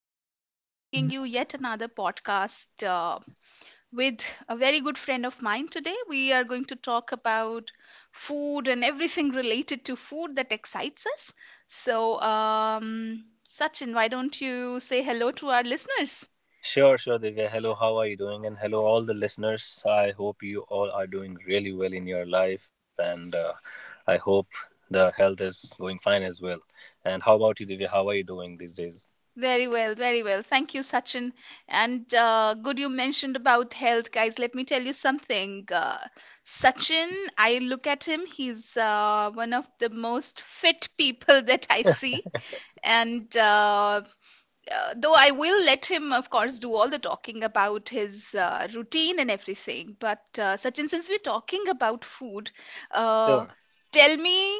once again, bringing you yet another podcast with a very good friend of mine today. We are going to talk about food and everything related to food that excites us. So, Sachin, why don't you say hello to our listeners? Sure, sure, Divya. Hello, how are you doing? And hello, all the listeners. I hope you all are doing really well in your life, and I hope the health is going fine as well. And how about you, Divya? How are you doing these days? Very well, very well. Thank you, Sachin. And good you mentioned about health, guys. Let me tell you something. Sachin, I look at him, he's one of the most fit people that I see. And though I will let him, of course, do all the talking about his routine and everything. But Sachin, since we're talking about food, Sure. uh, tell me,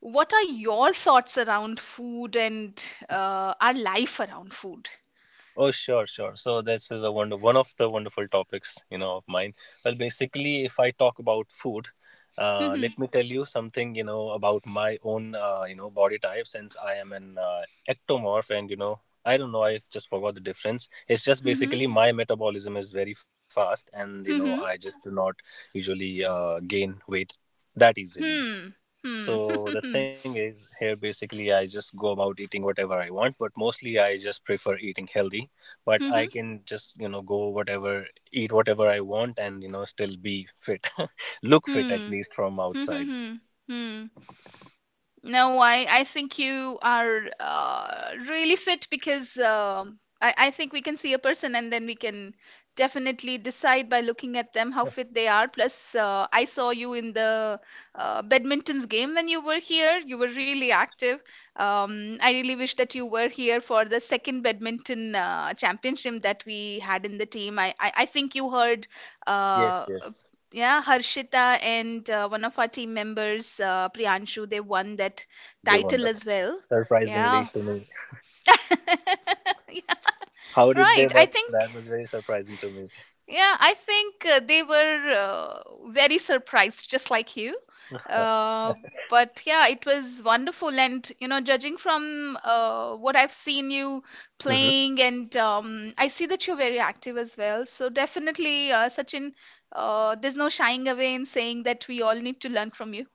what are your thoughts around food and our life around food? Oh, sure, sure. So this is a wonder one of the wonderful topics, you know, of mine. Well, basically, if I talk about food, Hmm. let me tell you something, you know, about my own, you know, body type since I am an ectomorph, and you know, I don't know, I just forgot the difference. It's just Hmm. basically my metabolism is very fast, and you know, I Hmm. just do not usually gain weight that easily. Hmm. Hmm. So Hmm. the Hmm. thing is, here basically I just go about eating whatever I want, but mostly I just prefer eating healthy. But Hmm. Hmm. I Hmm. can just, you know, go whatever, eat whatever I want and, you know, still be fit. Look fit at Hmm. least from Hmm. outside. hmm, hmm, hmm. No, I think you are really fit because I think we can see a person and then we can definitely decide by looking at them how fit they are. Plus, I saw you in the badminton's game when you were here. You were really active. I really wish that you were here for the second badminton championship that we had in the team. I think you heard uh, Yes, yes. yeah, Harshita and one of our team members, Priyanshu, they won that They won the title as well. Surprisingly Yeah. to me. Yeah, How did right. they? I But think, that was very surprising to me. yeah, I think they were very surprised, just like you. Uh, but yeah, it was wonderful. And, you know, judging from what I've seen you Hmm. playing, and I see that you're very active as well. So definitely, Sachin, there's no shying away in saying that we all need to learn from you.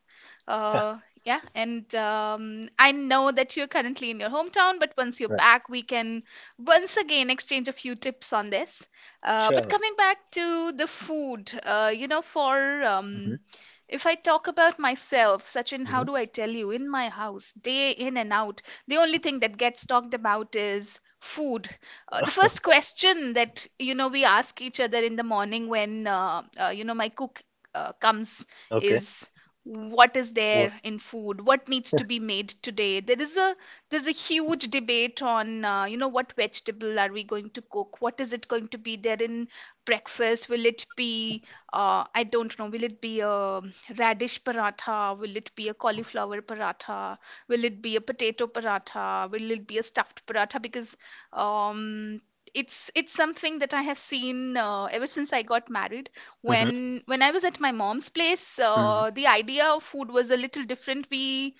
Yeah, and I know that you're currently in your hometown, but once you're Right. back, we can once again exchange a few tips on this. But Sure. coming back to the food, you know, for Hmm. if I talk about myself, Sachin, how do I Hmm. tell you? In my house, day in and out, the only thing that gets talked about is food. The first question that, you know, we ask each other in the morning, when, you know, my cook comes, Okay. is what is there What? in food, what needs to be made today? There is a huge debate on you know, what vegetable are we going to cook, what is it going to be there in breakfast? Will it be I don't know, will it be a radish paratha, will it be a cauliflower paratha, will it be a potato paratha, will it be a stuffed paratha? Because um it's something that I have seen ever since I got married. Hmm. When I was at my mom's place, Hmm. the idea of food was a little different. We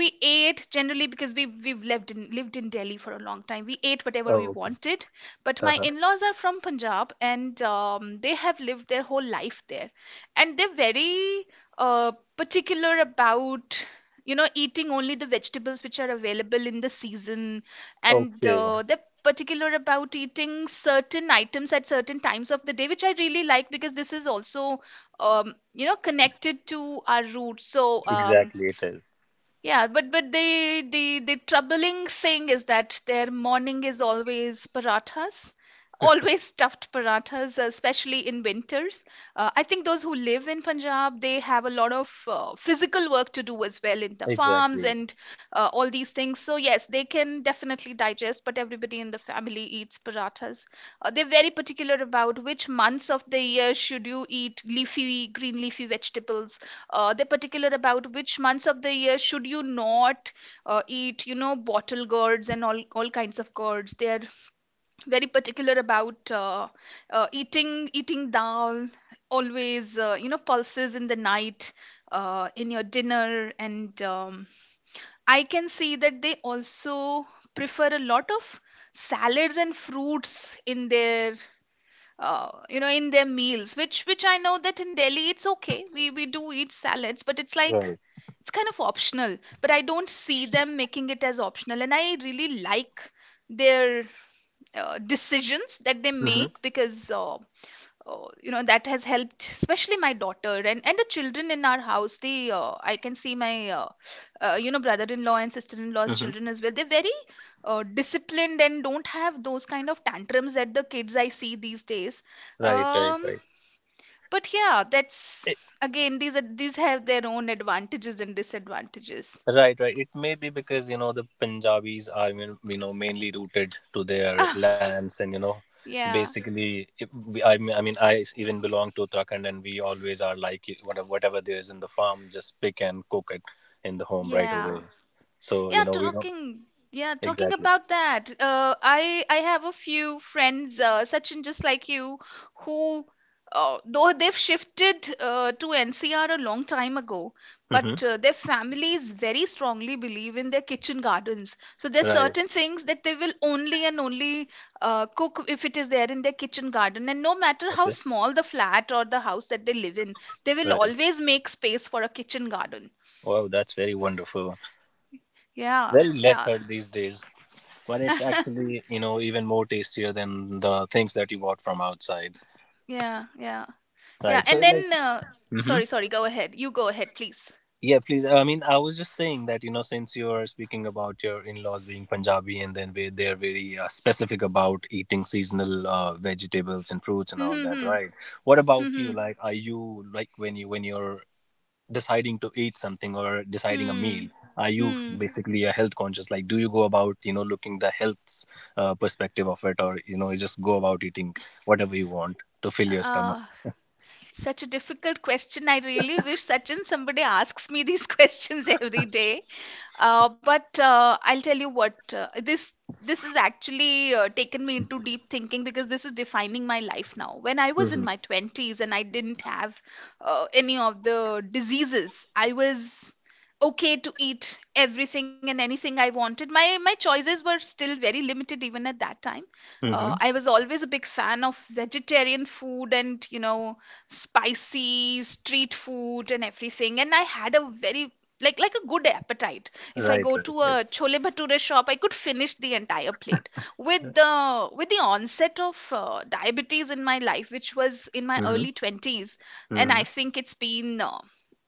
we ate generally because we've lived in Delhi for a long time. We ate Oh, whatever okay. we wanted. But Uh-huh. my in-laws are from Punjab, and they have lived their whole life there, and they're very particular about, you know, eating only the vegetables which are available in the season. And Okay. They're particular about eating certain items at certain times of the day, which I really like because this is also, you know, connected to our roots. Exactly. It is. Yeah, but the troubling thing is that their morning is always parathas, always stuffed parathas, especially in winters. I think those who live in Punjab, they have a lot of physical work to do as well in the farms Exactly. and all these things. So yes, they can definitely digest, but everybody in the family eats parathas. They're very particular about which months of the year should you eat leafy, green leafy vegetables. They're particular about which months of the year should you not eat, you know, bottle gourds and all kinds of gourds. They're very particular about eating dal, always, you know, pulses in the night, in your dinner. And I can see that they also prefer a lot of salads and fruits in their you know, in their meals, which I know that in Delhi it's okay, we do eat salads, but it's like Right. it's kind of optional, but I don't see them making it as optional. And I really like their decisions that they Mm-hmm. make because you know, that has helped, especially my daughter and the children in our house. They I can see my you know, brother-in-law and sister-in-law's Hmm. children as well, they're very disciplined and don't have those kind of tantrums that the kids I see these days. Right, right, um, right. but yeah, It, that's, again, these are, these have their own advantages and disadvantages. right, right. It may be because you know the Punjabis are you know mainly rooted to their lands, and you know, Yeah. basically, I mean, I even belong to Uttarakhand, and we always are like whatever there is in the farm, just pick and cook it in the home right Yeah, away. So you Yeah, know we don't talking. Yeah, talking exactly. about that. I have a few friends, Sachin, just like you, who though they've shifted to NCR a long time ago, Hmm. but their families very strongly believe in their kitchen gardens. So there's Right. certain things that they will only and only cook if it is there in their kitchen garden, and no matter how Okay. small the flat or the house that they live in, they will Right. always make space for a kitchen garden. Wow, that's very wonderful. Yeah, Very less yeah, heard these days. But it's actually you know even more tastier than the things that you bought from outside, yeah, yeah. Yeah, right? So and like, then mhm. sorry, sorry, go ahead. You go ahead, please. Yeah, please. I mean, I was just saying that, you know, since you're speaking about your in laws being Punjabi and then they're very specific about eating seasonal vegetables and fruits and Hmm all that, hmm right? What hmm about you? hmm Like, are you, like, when you're deciding to eat something or deciding a meal, hmm are hmm. you Hmm. basically a health conscious? Like, do you go about, you know, looking the health perspective of it or, you know, you just go about eating whatever you want to fill your stomach? Uh, Such a difficult question. I really wish, Sachin, somebody asks me these questions every day. But I'll tell you what, this this has actually taken me into deep thinking because this is defining my life now. When I was in Mm-hmm. my 20s and I didn't have any of the diseases, I was okay to eat everything and anything I wanted. My choices were still very limited even at that time. Mm-hmm. I was always a big fan of vegetarian food, and you know, spicy street food and everything, and I had a very, like a good appetite. If I Right, go right, to a right. chole bhature shop, I could finish the entire plate. With the onset of diabetes in my life, which was in my Mm-hmm. early 20s, and Mm-hmm. I think it's been uh,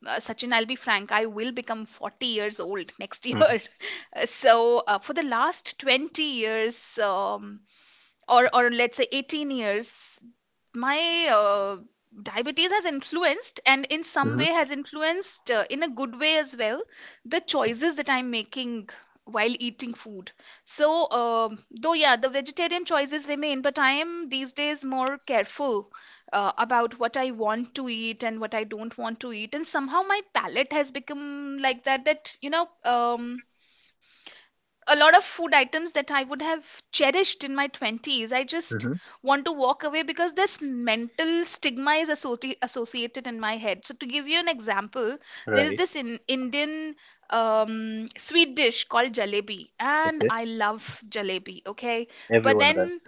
uh, Sachin, I'll be frank, I will become 40 years old next year. So, for the last 20 years, or let's say 18 years, my uh, diabetes has influenced, and in Mm-hmm. some way has influenced in a good way as well, the choices that I'm making while eating food. So, though yeah, the vegetarian choices remain, but I am these days more careful about what I want to eat and what I don't want to eat, and somehow my palate has become like that, that you know, a lot of food items that I would have cherished in my 20s, I just Mm-hmm. want to walk away because this mental stigma is associated in my head. So, to give you an example, there is Right. this in Indian sweet dish called jalebi, and Okay. I love jalebi, okay? But Everyone does. then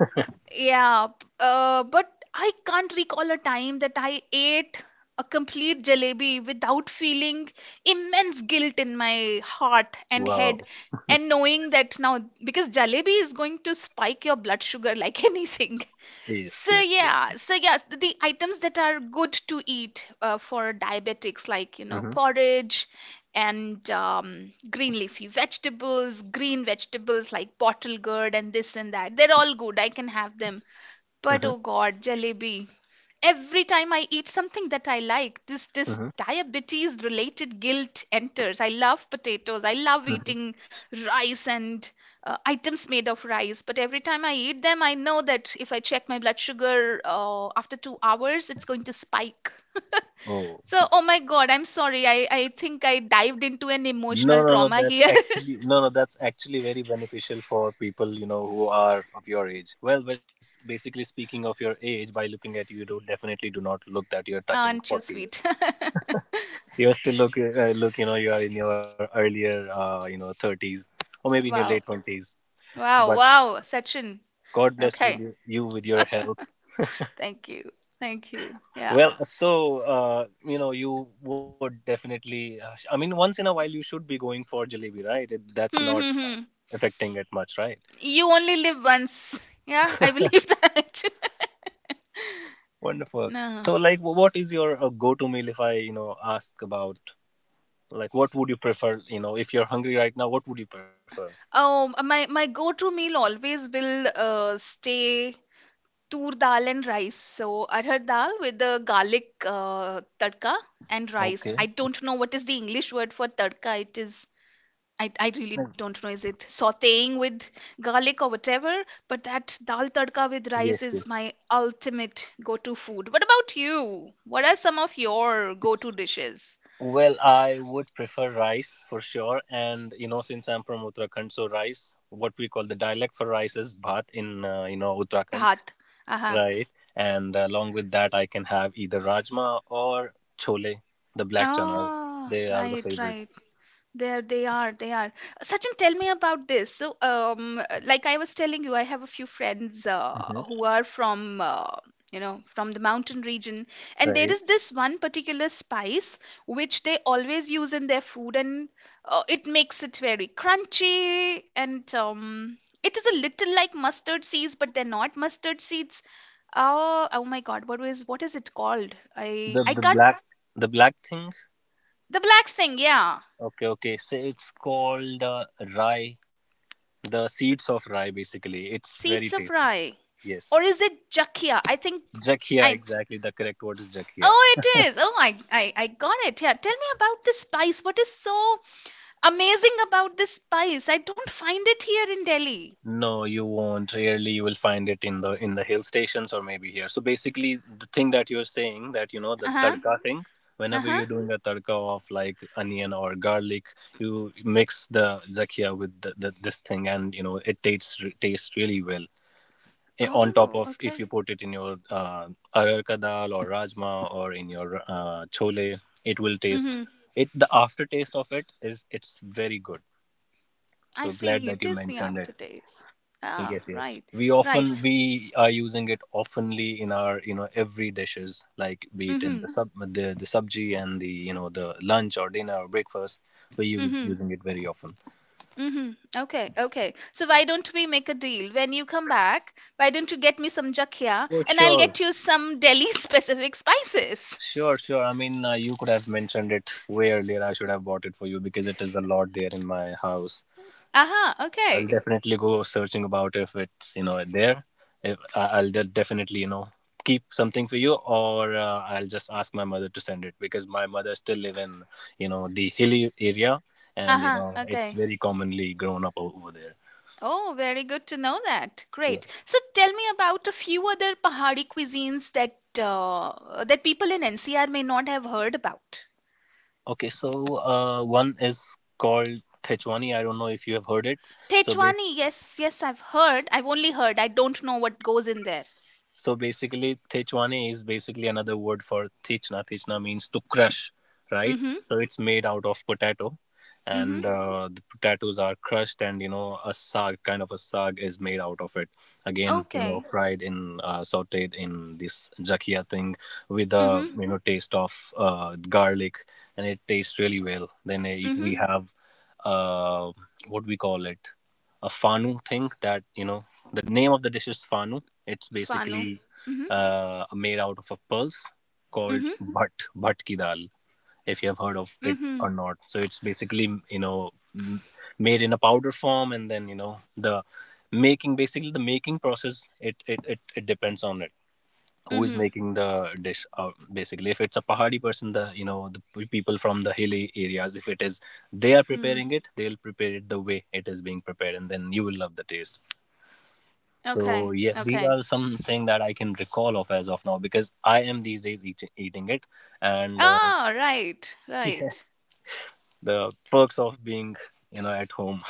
yeah, but I can't recall a time that I ate a complete jalebi without feeling immense guilt in my heart and Wow. head, and knowing that now, because jalebi is going to spike your blood sugar like anything. Yes, So, yes, yes. yeah, so yes, the items that are good to eat for diabetics, like, you know, Mm-hmm. porridge and green leafy vegetables, green vegetables like bottle gourd and this and that, they're all good. I can have them, Mm-hmm. but oh God, jalebi. Every time I eat something that I like, this Mm-hmm. diabetes related guilt enters. I love potatoes. I love Mm-hmm. eating rice and items made of rice. But every time I eat them, I know that if I check my blood sugar after 2 hours, it's going to spike. Oh. So, oh my God, I'm sorry. I think I dived into an No, emotional no, no. trauma That's here. actually no, no. That's actually very beneficial for people you know who are of your age. Well, basically speaking of your age, by looking at you, you do, definitely do not look that you're touching Aren't you forties. sweet? You still look you know you are in your earlier you know thirties or maybe in your late Wow. twenties. But Wow. Wow. Sachin. God bless with Okay. you, you with your health. Thank you. Thank you. Yeah. Well, so you know, you would definitely. I mean, once in a while, you should be going for jalebi, right? It, that's not Hmm. hmm, hmm. affecting it much, right? You only live once. Yeah, I believe that. Wonderful. No. So, like, what is your go-to meal? If I, you know, ask about, like, what would you prefer? You know, if you're hungry right now, what would you prefer? Oh, my go-to meal always will stay tur dal and rice. So arhar dal with the garlic tadka and rice. Okay. I don't know what is the English word for tadka. It is, I Mm. really don't know. Is it sauteing with garlic or whatever? But that dal tadka with Yes. rice Yes. is my ultimate go to food. What about you? What are some of your go to dishes? Well, I would prefer rice for sure, and you know, since I'm from Uttarakhand, so rice, what we call the dialect for rice is bhat in you know Uttarakhand, Bhat. Uh huh. right? And along with that, I can have either rajma or chole, the black chanas. Ah, They are the right, favorite. right. There they are, they are. Sachin, tell me about this. Like I was telling you, I have a few friends Hmm. who are from, you know, from the mountain region, and there Right. is this one particular spice which they always use in their food, and it makes it very crunchy, and it is a little like mustard seeds, but they're not mustard seeds. Oh my God, what is it called? I The I the can't. black the black thing. The black thing, yeah, Okay, okay. So it's called rye. The seeds of rye, basically. It's very seeds of tasty. rye. Or Yes. is it Jakia? I think Jakhia, I. exactly. The correct word is jakhia. Oh, it is. Oh, I got it. Yeah. Tell me about this spice. What is so amazing about this spice? I don't find it here in Delhi. No, you won't. Rarely you will find it in the hill stations or maybe here. So basically, the thing that you're saying that you know the Uh huh. tadka thing. Uh Whenever huh. you're doing a tadka of like onion or garlic, you mix the zakia with this thing, and you know it tastes really well. Eh, on Oh, top of okay. if you put it in your ararka dal or rajma or in your chole, it will taste Mm-hmm. it. The aftertaste of it is it's very good. I So see. glad It that you is the mentioned it. aftertaste. Ah, Yes, right. yes. Right. We are using it oftenly in our you know every dishes, like be it in Mm-hmm. the subji and the you know the lunch or dinner or breakfast. We use Mm-hmm. using it very often. Mm-hmm. Okay. Okay. So why don't we make a deal? When you come back, why don't you get me some jakia For and I'll sure, get you some Delhi specific spices? sure, sure. I mean, you could have mentioned it way earlier. I should have bought it for you because it is a lot there in my house. Aha. I'll Okay. definitely go searching about if it's you know there. If I- I'll definitely you know keep something for you, or I'll just ask my mother to send it because my mother still live in you know the hilly area, and you Uh-huh. know it's Okay. very commonly grown up over there. Oh, very good to know that. Yeah. Great. So tell me about a few other Pahari cuisines that that people in NCR may not have heard about. Okay, so one is called Thechwani. I don't know if you have heard it. So Thechwani, yes, yes, I've heard. I've only heard. I don't know what goes in there. So basically, Thechwane is basically another word for Thechna. Thechna means to crush, right? Mm-hmm. So it's made out of potato, Mm-hmm. and the potatoes are crushed, and you know, a sag kind of a sag is made out of it. Again, you know, Okay. Sautéed in this jakia thing with a Mm-hmm. you know taste of garlic, and it tastes really well. Then Mm-hmm. we have uh, what we call it a fanu thing that you know the name of the dish is fanu, it's Fanu. basically Mm-hmm. Made out of a pulse called Mm-hmm. Bhat ki dal if you have heard of it Mm-hmm. or not. So it's basically you know m- made in a powder form, and then you know the making, basically the making process, it depends on it who is Mm-hmm. making the dish out. Basically if it's a pahadi person, the you know people from the hilly areas, if it is they are Mm-hmm. preparing it, they'll prepare it the way it is being prepared, and then you will love the taste. Okay. Okay. So yes, these are something that I can recall of as of now because I am these days eating it, and Ah, right. yeah, Right. the perks of being you know at home.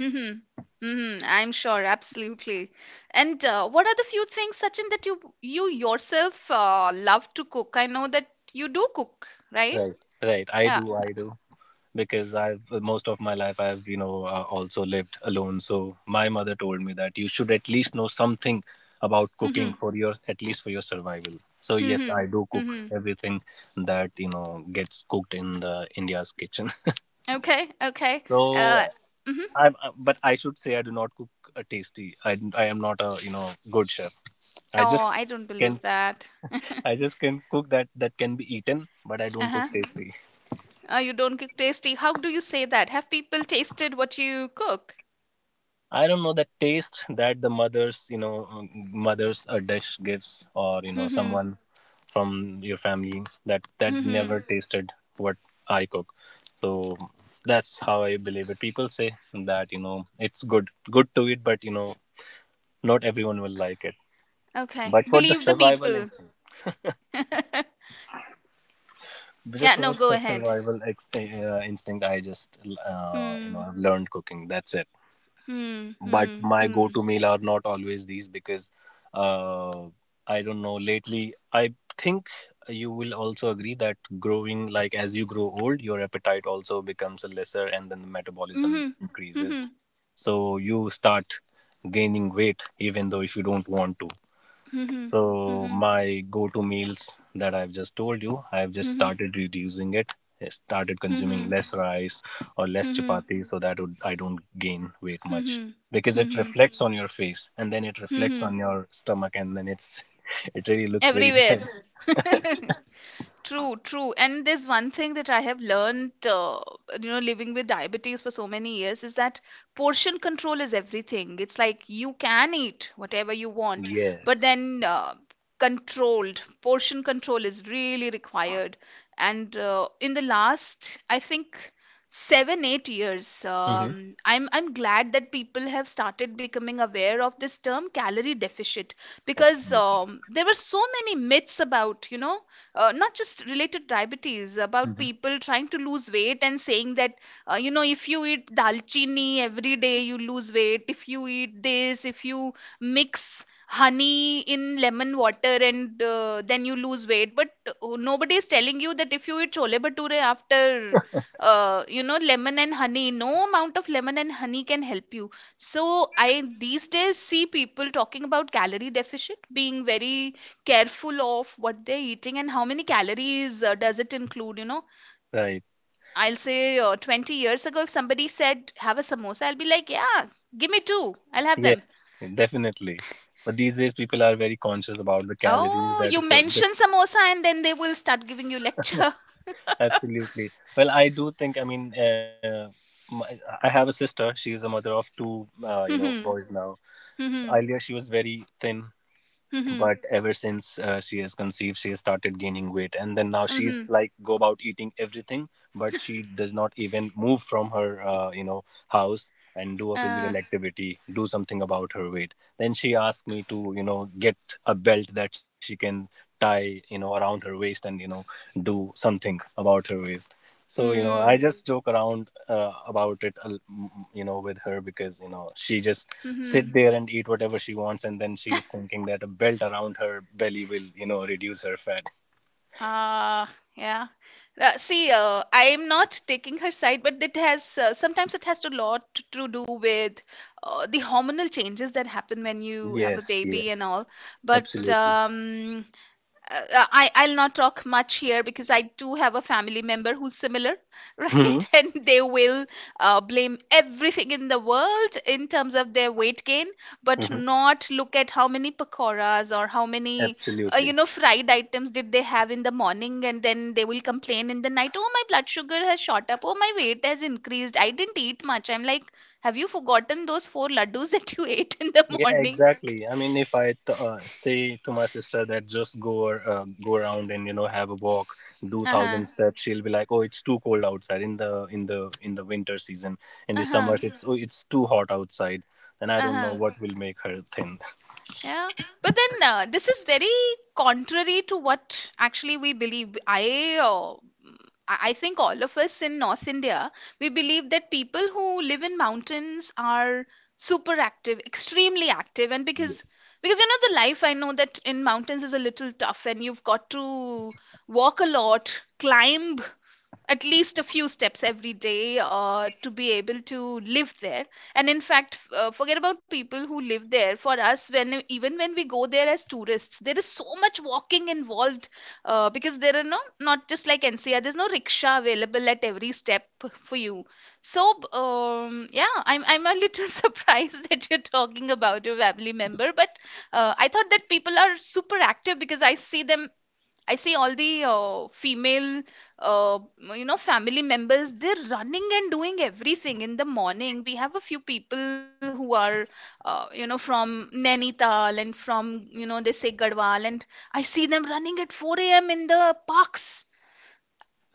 Mm-hmm. Mm-hmm. I'm sure, absolutely. And what are the few things, Sachin, that you yourself love to cook? I know that you do cook, right? Right. Right, i Yeah. do i do because I've most of my life I've you know also lived alone. So my mother told me that you should at least know something about cooking Mm-hmm. for your at least for your survival. So yes, Mm-hmm. I do cook Mm-hmm. everything that you know gets cooked in the India's kitchen. Okay. Okay. Uh, So mm-hmm. I'm but I should say I do not cook a tasty. I am not a you know good chef. I Oh, just I don't can believe that. I just can cook that that can be eaten, but I don't cook Uh-huh. tasty. Oh, you don't cook tasty. How do you say that? Have people tasted what you cook? I don't know the taste that you know, mothers a dish gives, or you know, Mm-hmm. someone from your family, that Mm-hmm. never tasted what I cook. So that's how I believe it. People say that you know it's good to eat, but you know, not everyone will like it. Okay. But for the Believe the survival people. instinct, just Yeah, for no, go the ahead. survival instinct, I just you know Hmm. I've learned cooking. That's it. Hmm. But Hmm. my Hmm. go-to meal are not always these because uh, I don't know. Lately, I think you will also agree that growing, like as you grow old, your appetite also becomes lesser, and then the metabolism Mhm. Mhm. increases. So you start gaining weight, even though if you don't want to. Mhm. So Mhm. my go-to meals that I've just told you, I've just Mhm. started reducing it. I started consuming Mhm. less rice or less Mhm. chapati so that would, I don't gain weight much Mhm. because it Mhm. reflects on your face and then it reflects Mhm. on your stomach and then it's it really looks very bad. Everywhere. True, true. And there's one thing that I have learned, you know, living with diabetes for so many years is that portion control is everything. It's like you can eat whatever you want, but Yes. then controlled portion control is really required. And in the last, I think seven, eight years, Hmm. I'm glad that people have started becoming aware of this term calorie deficit because Absolutely. There were so many myths about, you know not just related to diabetes about Hmm. people trying to lose weight and saying that you know if you eat dalchini every day you lose weight, if you eat this, if you mix honey in lemon water and then you lose weight, but nobody is telling you that if you eat chole bhature after you know lemon and honey, no amount of lemon and honey can help you. So i these days see people talking about calorie deficit, being very careful of what they're eating and how many calories does it include, you know. Right. I'll say 20 years ago if somebody said have a samosa, I'll be like, yeah, give me two, I'll have them. Yes, definitely. But these days people are very conscious about the calories Oh, you that put mention this. samosa and then they will start giving you lecture. Absolutely. Well, I do think, I mean, my, I have a sister. She is a mother of two, you know, Hmm. boys now. Hmm. Earlier, she was very thin, Hmm. Hmm. but ever since she has conceived, she has started gaining weight. And then now she's Hmm. like, go about eating everything, but she does not even move from her, you know, house and do a Uh, physical activity, do something about her weight. Then she asked me to, you know, get a belt that she can tie, you know, around her waist and, you know, do something about her waist so, you know, I hmm. just joke around about it, a l- m- m- you know, with her because, you know, she just sit Hmm. there and eat whatever she wants. And then she is thinking that a belt around her belly will, you know, reduce her fat. Ah, yeah. See, I am not taking her side, but it has sometimes it has a lot to do with the hormonal changes that happen when you have a Yes, baby and yes, all. But absolutely. I'll not talk much here because I do have a family member who's similar, Hmm. right? And they will blame everything in the world in terms of their weight gain, but Hmm. not look at how many pakoras or how many you Absolutely. know fried items did they have in the morning, and then they will complain in the night. Oh, my blood sugar has shot up. Oh, my weight has increased. I didn't eat much. I'm like, have you forgotten those four laddus that you ate in the Yeah, morning? exactly. I mean, if I say to my sister that just go or, go around and you know have a walk, do Uh huh. 1,000 steps, she'll be like, "Oh, it's too cold outside in the winter season. In the Uh huh. summers, it's oh, it's too hot outside." And I Uh don't huh. know what will make her thin. Yeah, but then this is very contrary to what actually we believe. I, mm, I think all of us in North India, we believe that people who live in mountains are super active, extremely active, and because you know the life I know that in mountains is a little tough, and you've got to walk a lot, climb at least a few steps every day to be able to live there, and in fact forget about people who live there. For us, when even when we go there as tourists, there is so much walking involved because there are no, not just like NCR, there's no rickshaw available at every step for you. Yeah, I'm a little surprised that you're talking about your family member, but I thought that people are super active because I see them. I see all the female, uh, you know, family members, they're running and doing everything in the morning. We have a few people who are, you know, from Nainital and from, you know, they say Garhwal, and I see them running at 4 a.m. in the parks.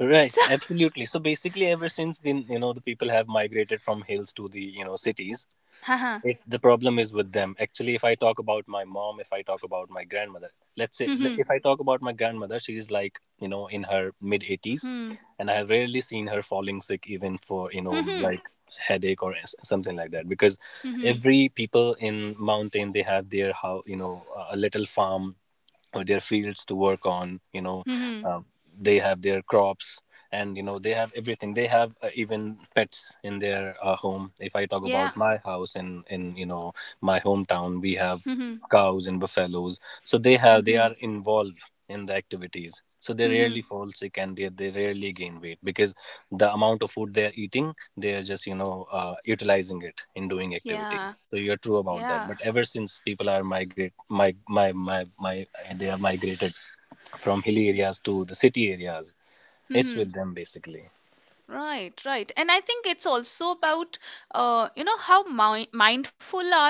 Right, So, absolutely. So basically, ever since then, you know, the people have migrated from hills to the you know cities, haha. it's the problem is with them. Actually, if I talk about my mom, if I talk about my grandmother, Hmm. if I talk about my grandmother, she's like you know in her mid eighties, Hmm. and I have rarely seen her falling sick, even for you know Hmm. like headache or something like that. Because Hmm. every people in mountain they have their how you know a little farm or their fields to work on you know Hmm. um, they have their crops and you know they have everything they have even pets in their home if I talk about Yeah. my house in you know my hometown we have Hmm. cows and buffaloes so they have they Hmm. are involved in the activities so they rarely Hmm. fall sick and they rarely gain weight because the amount of food they are eating they are just you know utilizing it in doing activities Yeah. so you're true about Yeah. that but ever since people are migrate my my my my they have migrated from hilly areas to the city areas it's Hmm. with them basically. Right, right. And I think it's also about, you know, how mi mindful our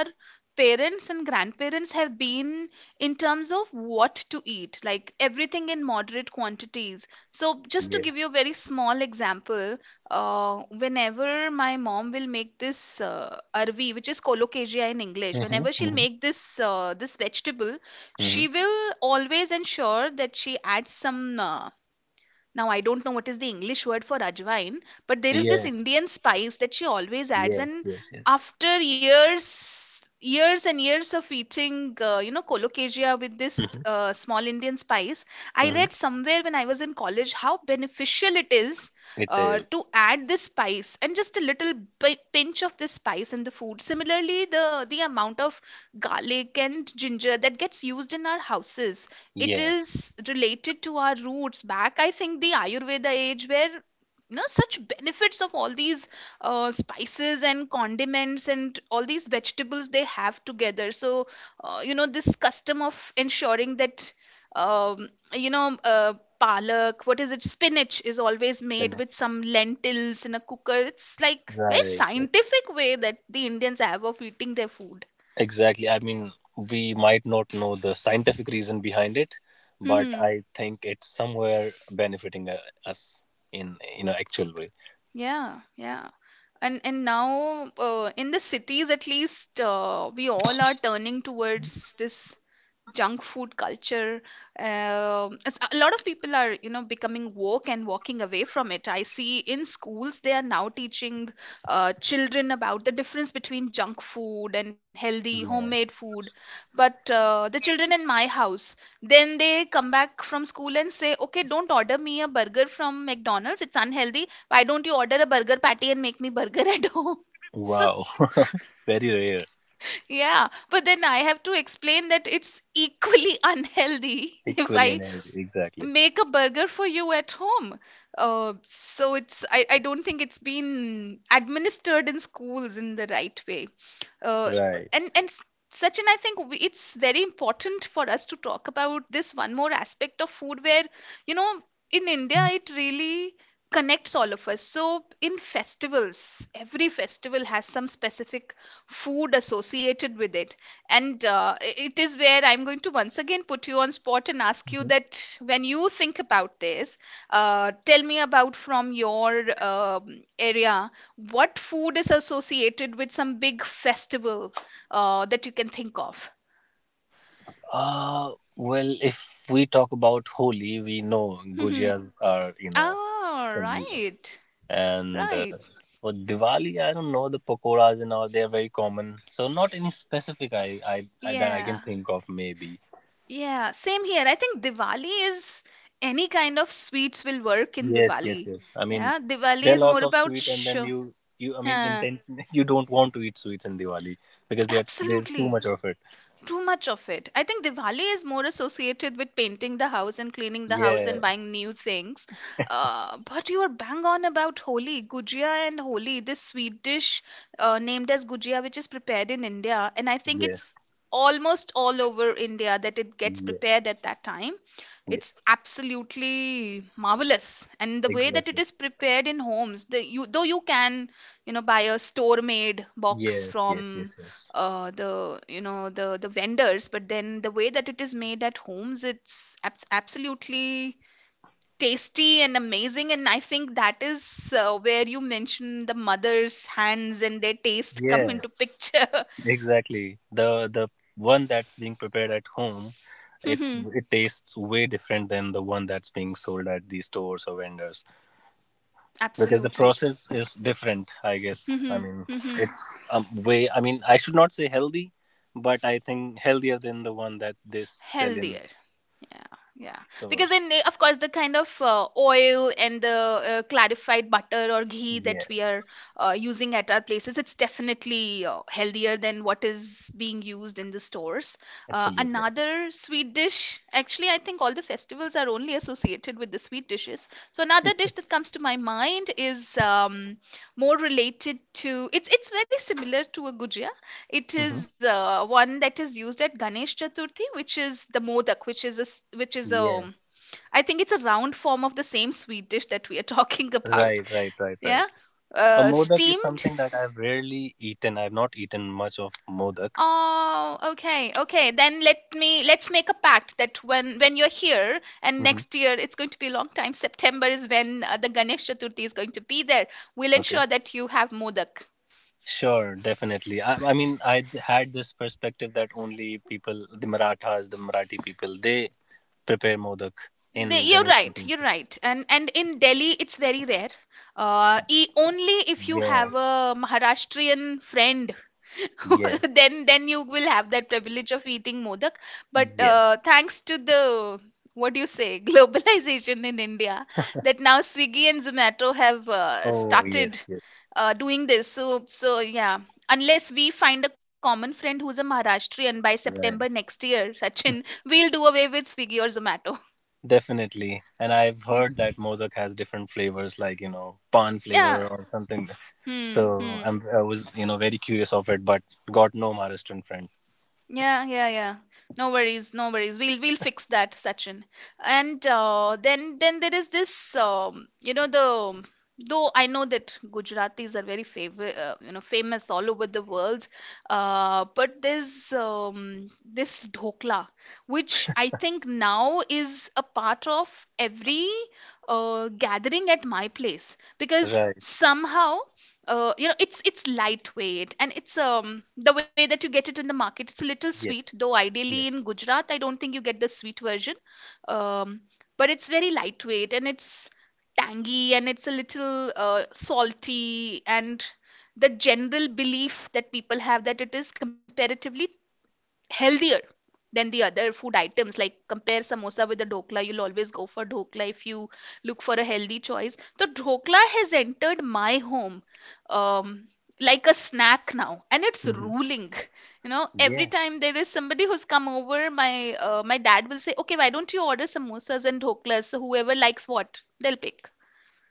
parents and grandparents have been in terms of what to eat, like everything in moderate quantities. So, just Yes. to give you a very small example, whenever my mom will make this arvi, which is colocasia in English, Mm-hmm, whenever she'll mm-hmm, make this this vegetable, mm-hmm. she will always ensure that she adds some now, I don't know what is the English word for ajwain, but there is this Yes, Indian spice that she always adds. yes, And yes, yes. after years, years and years of eating, you know, colocasia with this Mm-hmm, small Indian spice, I mm-hmm. read somewhere when I was in college how beneficial it is It is. to add this spice and just a little pinch of this spice in the food. Similarly, the amount of garlic and ginger that gets used in our houses, it Yes, is related to our roots back, I think the Ayurveda age where you know such benefits of all these spices and condiments and all these vegetables they have together. So you know this custom of ensuring that um, you know palak, what is it, spinach, is always the made next- with some lentils in a cooker. It's like very right, right. scientific way that the Indians have of eating their food. Exactly. I mean, we might not know the scientific reason behind it, but Mm-hmm. I think it's somewhere benefiting us in an actual way. Yeah, yeah. And now in the cities, at least we all are turning towards this junk food culture. It's, a lot of people are, you know, becoming woke and walking away from it. I see in schools they are now teaching children about the difference between junk food and healthy homemade Yeah. food. But the children in my house, then they come back from school and say, okay, don't order me a burger from McDonald's, it's unhealthy. Why don't you order a burger patty and make me burger at home? So, Wow. Very rare. yeah, but then I have to explain that it's equally unhealthy if Equally I energy. Exactly. make a burger for you at home. So it's, I don't think it's been administered in schools in the right way. Uh, and Right. and s- Sachin, I think it's very important for us to talk about this one more aspect of food where you know in India it really connects all of us. So in festivals, every festival has some specific food associated with it, and it is where I'm going to once again put you on spot and ask you Mhm. that when you think about this, tell me about from your area what food is associated with some big festival that you can think of. Well, if we talk about Holi, we know Mhm. Gujias are, you know, Ah, familiar. right. And Right. for Diwali, I don't know the pakoras and all. They are very common, so not any specific I that I can Yeah, think of. Maybe yeah, same here. I think Diwali is any kind of sweets will work in yes, yes, Diwali. yes. I mean, Yeah, Diwali there are is lots more of about sweet, and then you I mean, uh, intention you don't want to eat sweets in Diwali because there's too absolutely much of it. too much of it. I think Diwali is more associated with painting the house and cleaning the house and Yeah, buying new things. But you are bang on about Holi, Gujia and Holi, this sweet dish named as Gujia, which is prepared in India. And I think yes, it's almost all over India that it gets prepared yes, at that time. It's yes, absolutely marvelous. And the way that it exactly. is prepared in homes, the, you, though you can, you know, buy a store-made box Yes, yes, from yes, yes. The you know the vendors, but then the way that it is made at homes, it's absolutely tasty and amazing, and I think that is where you mentioned the mother's hands and their taste come Yeah. into picture. Exactly. The one that's being prepared at home, Mhm. it tastes way different than the one that's being sold at the stores or vendors because the Absolutely. process is different, I guess. I Mhm. mean, Mhm. it's way I mean, I should not say healthy, but I think healthier than the one that they sell in Healthier. Yeah, yeah. Because stores. Of course the kind of oil and the clarified butter or ghee that we Yes, are using at our places, it's definitely healthier than what is being used in the stores. Absolutely. Another sweet dish, actually, I think all the festivals are only associated with the sweet dishes. So another dish that comes to my mind is more related to. It's very similar to a gujia. It Hmm. is one that is used at Ganesh Chaturthi, which is the modak, which is which is a, Yes, I think, it's a round form of the same sweet dish that we are talking about. right, right, right, right. Yeah, A modak is steamed. something that I've rarely eaten. I've not eaten much of modak. Oh, okay, okay. Then let me let's make a pact that when you're here. And Hmm. next year it's going to be a long time. September is when the Ganesh Chaturthi is going to be there. We'll ensure that you have modak. Sure, definitely. I mean, I had this perspective that only people, the Marathas, the Marathi people, they prepare modak in You're Ganesh right. You're Chaturthi. right. And in Delhi, it's very rare. E Only if you Yeah, have a Maharashtrian friend, yeah, then you will have that privilege of eating modak. But yes. Thanks to the, what do you say, globalization in India, that now Swiggy and Zomato have Oh, yes, started yes. Doing this. So yeah, unless we find a common friend who's a Maharashtrian by September Right. next year, Sachin, we'll do away with Swiggy or Zomato. Definitely. And I've heard that modak has different flavors, like, you know, pan flavor Yeah. or something. Hmm. Hmm. I was, you know, very curious of it, but got no Maharashtrian friend. Yeah. Yeah. Yeah. No worries. No worries. We'll fix that, Sachin. And then there is this. You know, the though I know that Gujaratis are very favorite. You know, famous all over the world. But there's this dhokla, which I think now is a part of every gathering at my place, because Right. somehow, you know, it's lightweight, and it's, the way that you get it in the market, it's a little sweet, Yes, though ideally yes. in Gujarat I don't think you get the sweet version. um but it's very lightweight, and it's tangy, and it's a little salty. And the general belief that people have, that it is comparatively healthier than the other food items, like compare samosa with the dhokla, you'll always go for dhokla. If you look for a healthy choice, the dhokla has entered my home um, like a snack now, and it's Hmm. ruling. You know, every Yeah. time there is somebody who's come over, my my dad will say, okay, why don't you order samosas and dhoklas, so whoever likes what, they'll pick.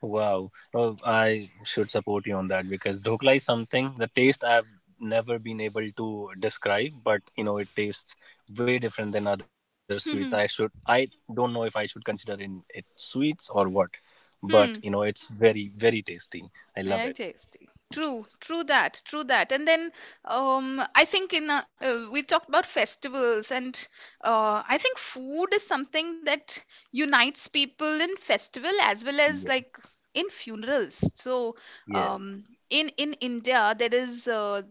Wow. Oh, I should support you on that because dhokla is something, the taste I've never been able to describe, but you know, it tastes way different than other sweets. I should, Hmm. I don't know if I should consider in it sweets or what, but you know, it's very, very tasty. I love it. Yeah, tasty. True, true that, true that. And then I think in we talked about festivals, and I think food is something that unites people in festival as well as, Ye- like, in funerals. So Yes. um, in India there is. Uh,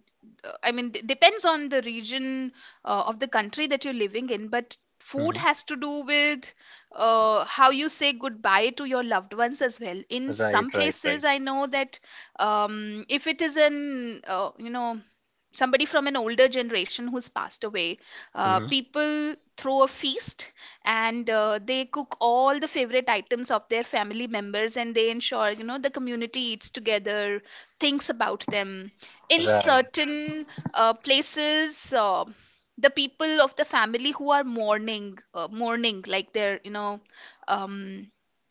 uh, I mean, depends on the region of the country that you're living in, but food Hmm. has to do with how you say goodbye to your loved ones as well. In Right, some right, right. places, I know that if it is an, you know, somebody from an older generation who's passed away, Hmm. people throw a feast, and they cook all the favorite items of their family members, and they ensure, you know, the community eats together, thinks about them. In Right. certain places, the people of the family who are mourning, like, they're, you know, um,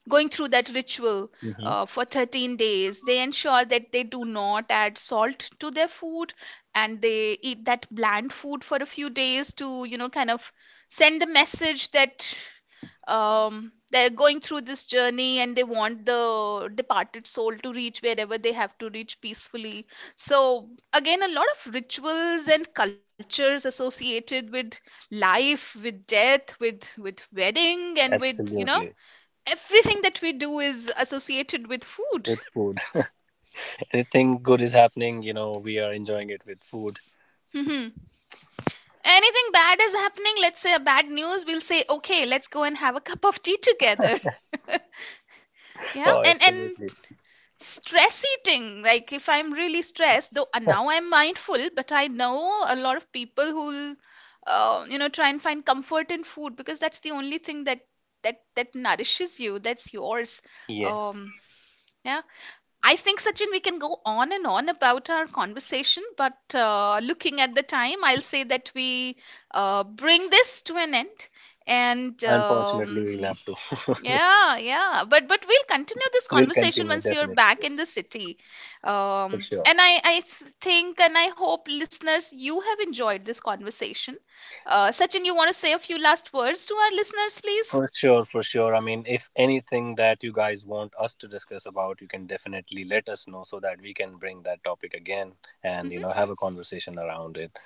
going through that ritual, Hmm. For 13 days they ensure that they do not add salt to their food, and they eat that bland food for a few days to, you know, kind of send the message that they're going through this journey and they want the departed soul to reach wherever they have to reach peacefully. So, again, a lot of rituals and cultures associated with life, with death, with wedding, and with, you know, Absolutely. everything that we do is associated with food. With food. Anything good is happening, you know, we are enjoying it with food. Mhm. Anything bad is happening, let's say a bad news, we'll say, okay, let's go and have a cup of tea together. Yeah, Oh, and absolutely. stress eating, like, if I'm really stressed, though now I'm mindful, but I know a lot of people who'll, you know, try and find comfort in food, because that's the only thing that that nourishes you, that's yours. Yes. um yeah, I think, Sachin, we can go on and on about our conversation, but looking at the time, I'll say that we bring this to an end. And Unfortunately, we'll have to. yeah, yeah. But we'll continue this We'll conversation continue once you're definitely, back yes, in the city. for sure. And think, and I hope, listeners, you have enjoyed this conversation. Sachin, you want to say a few last words to our listeners, please? For sure, for sure. I mean, if anything that you guys want us to discuss about, you can definitely let us know so that we can bring that topic again and you know have a conversation around it.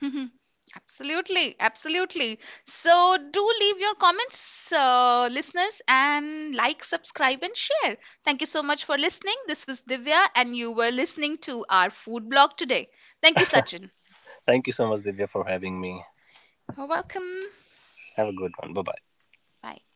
Hmm. Absolutely, absolutely. So do leave your comments, listeners, and like, subscribe, and share. Thank you so much for listening. This was Divya, and you were listening to our food blog today. Thank you, Sachin. Thank you so much, Divya, for having me. You're welcome. Have a good one. Bye bye. Bye.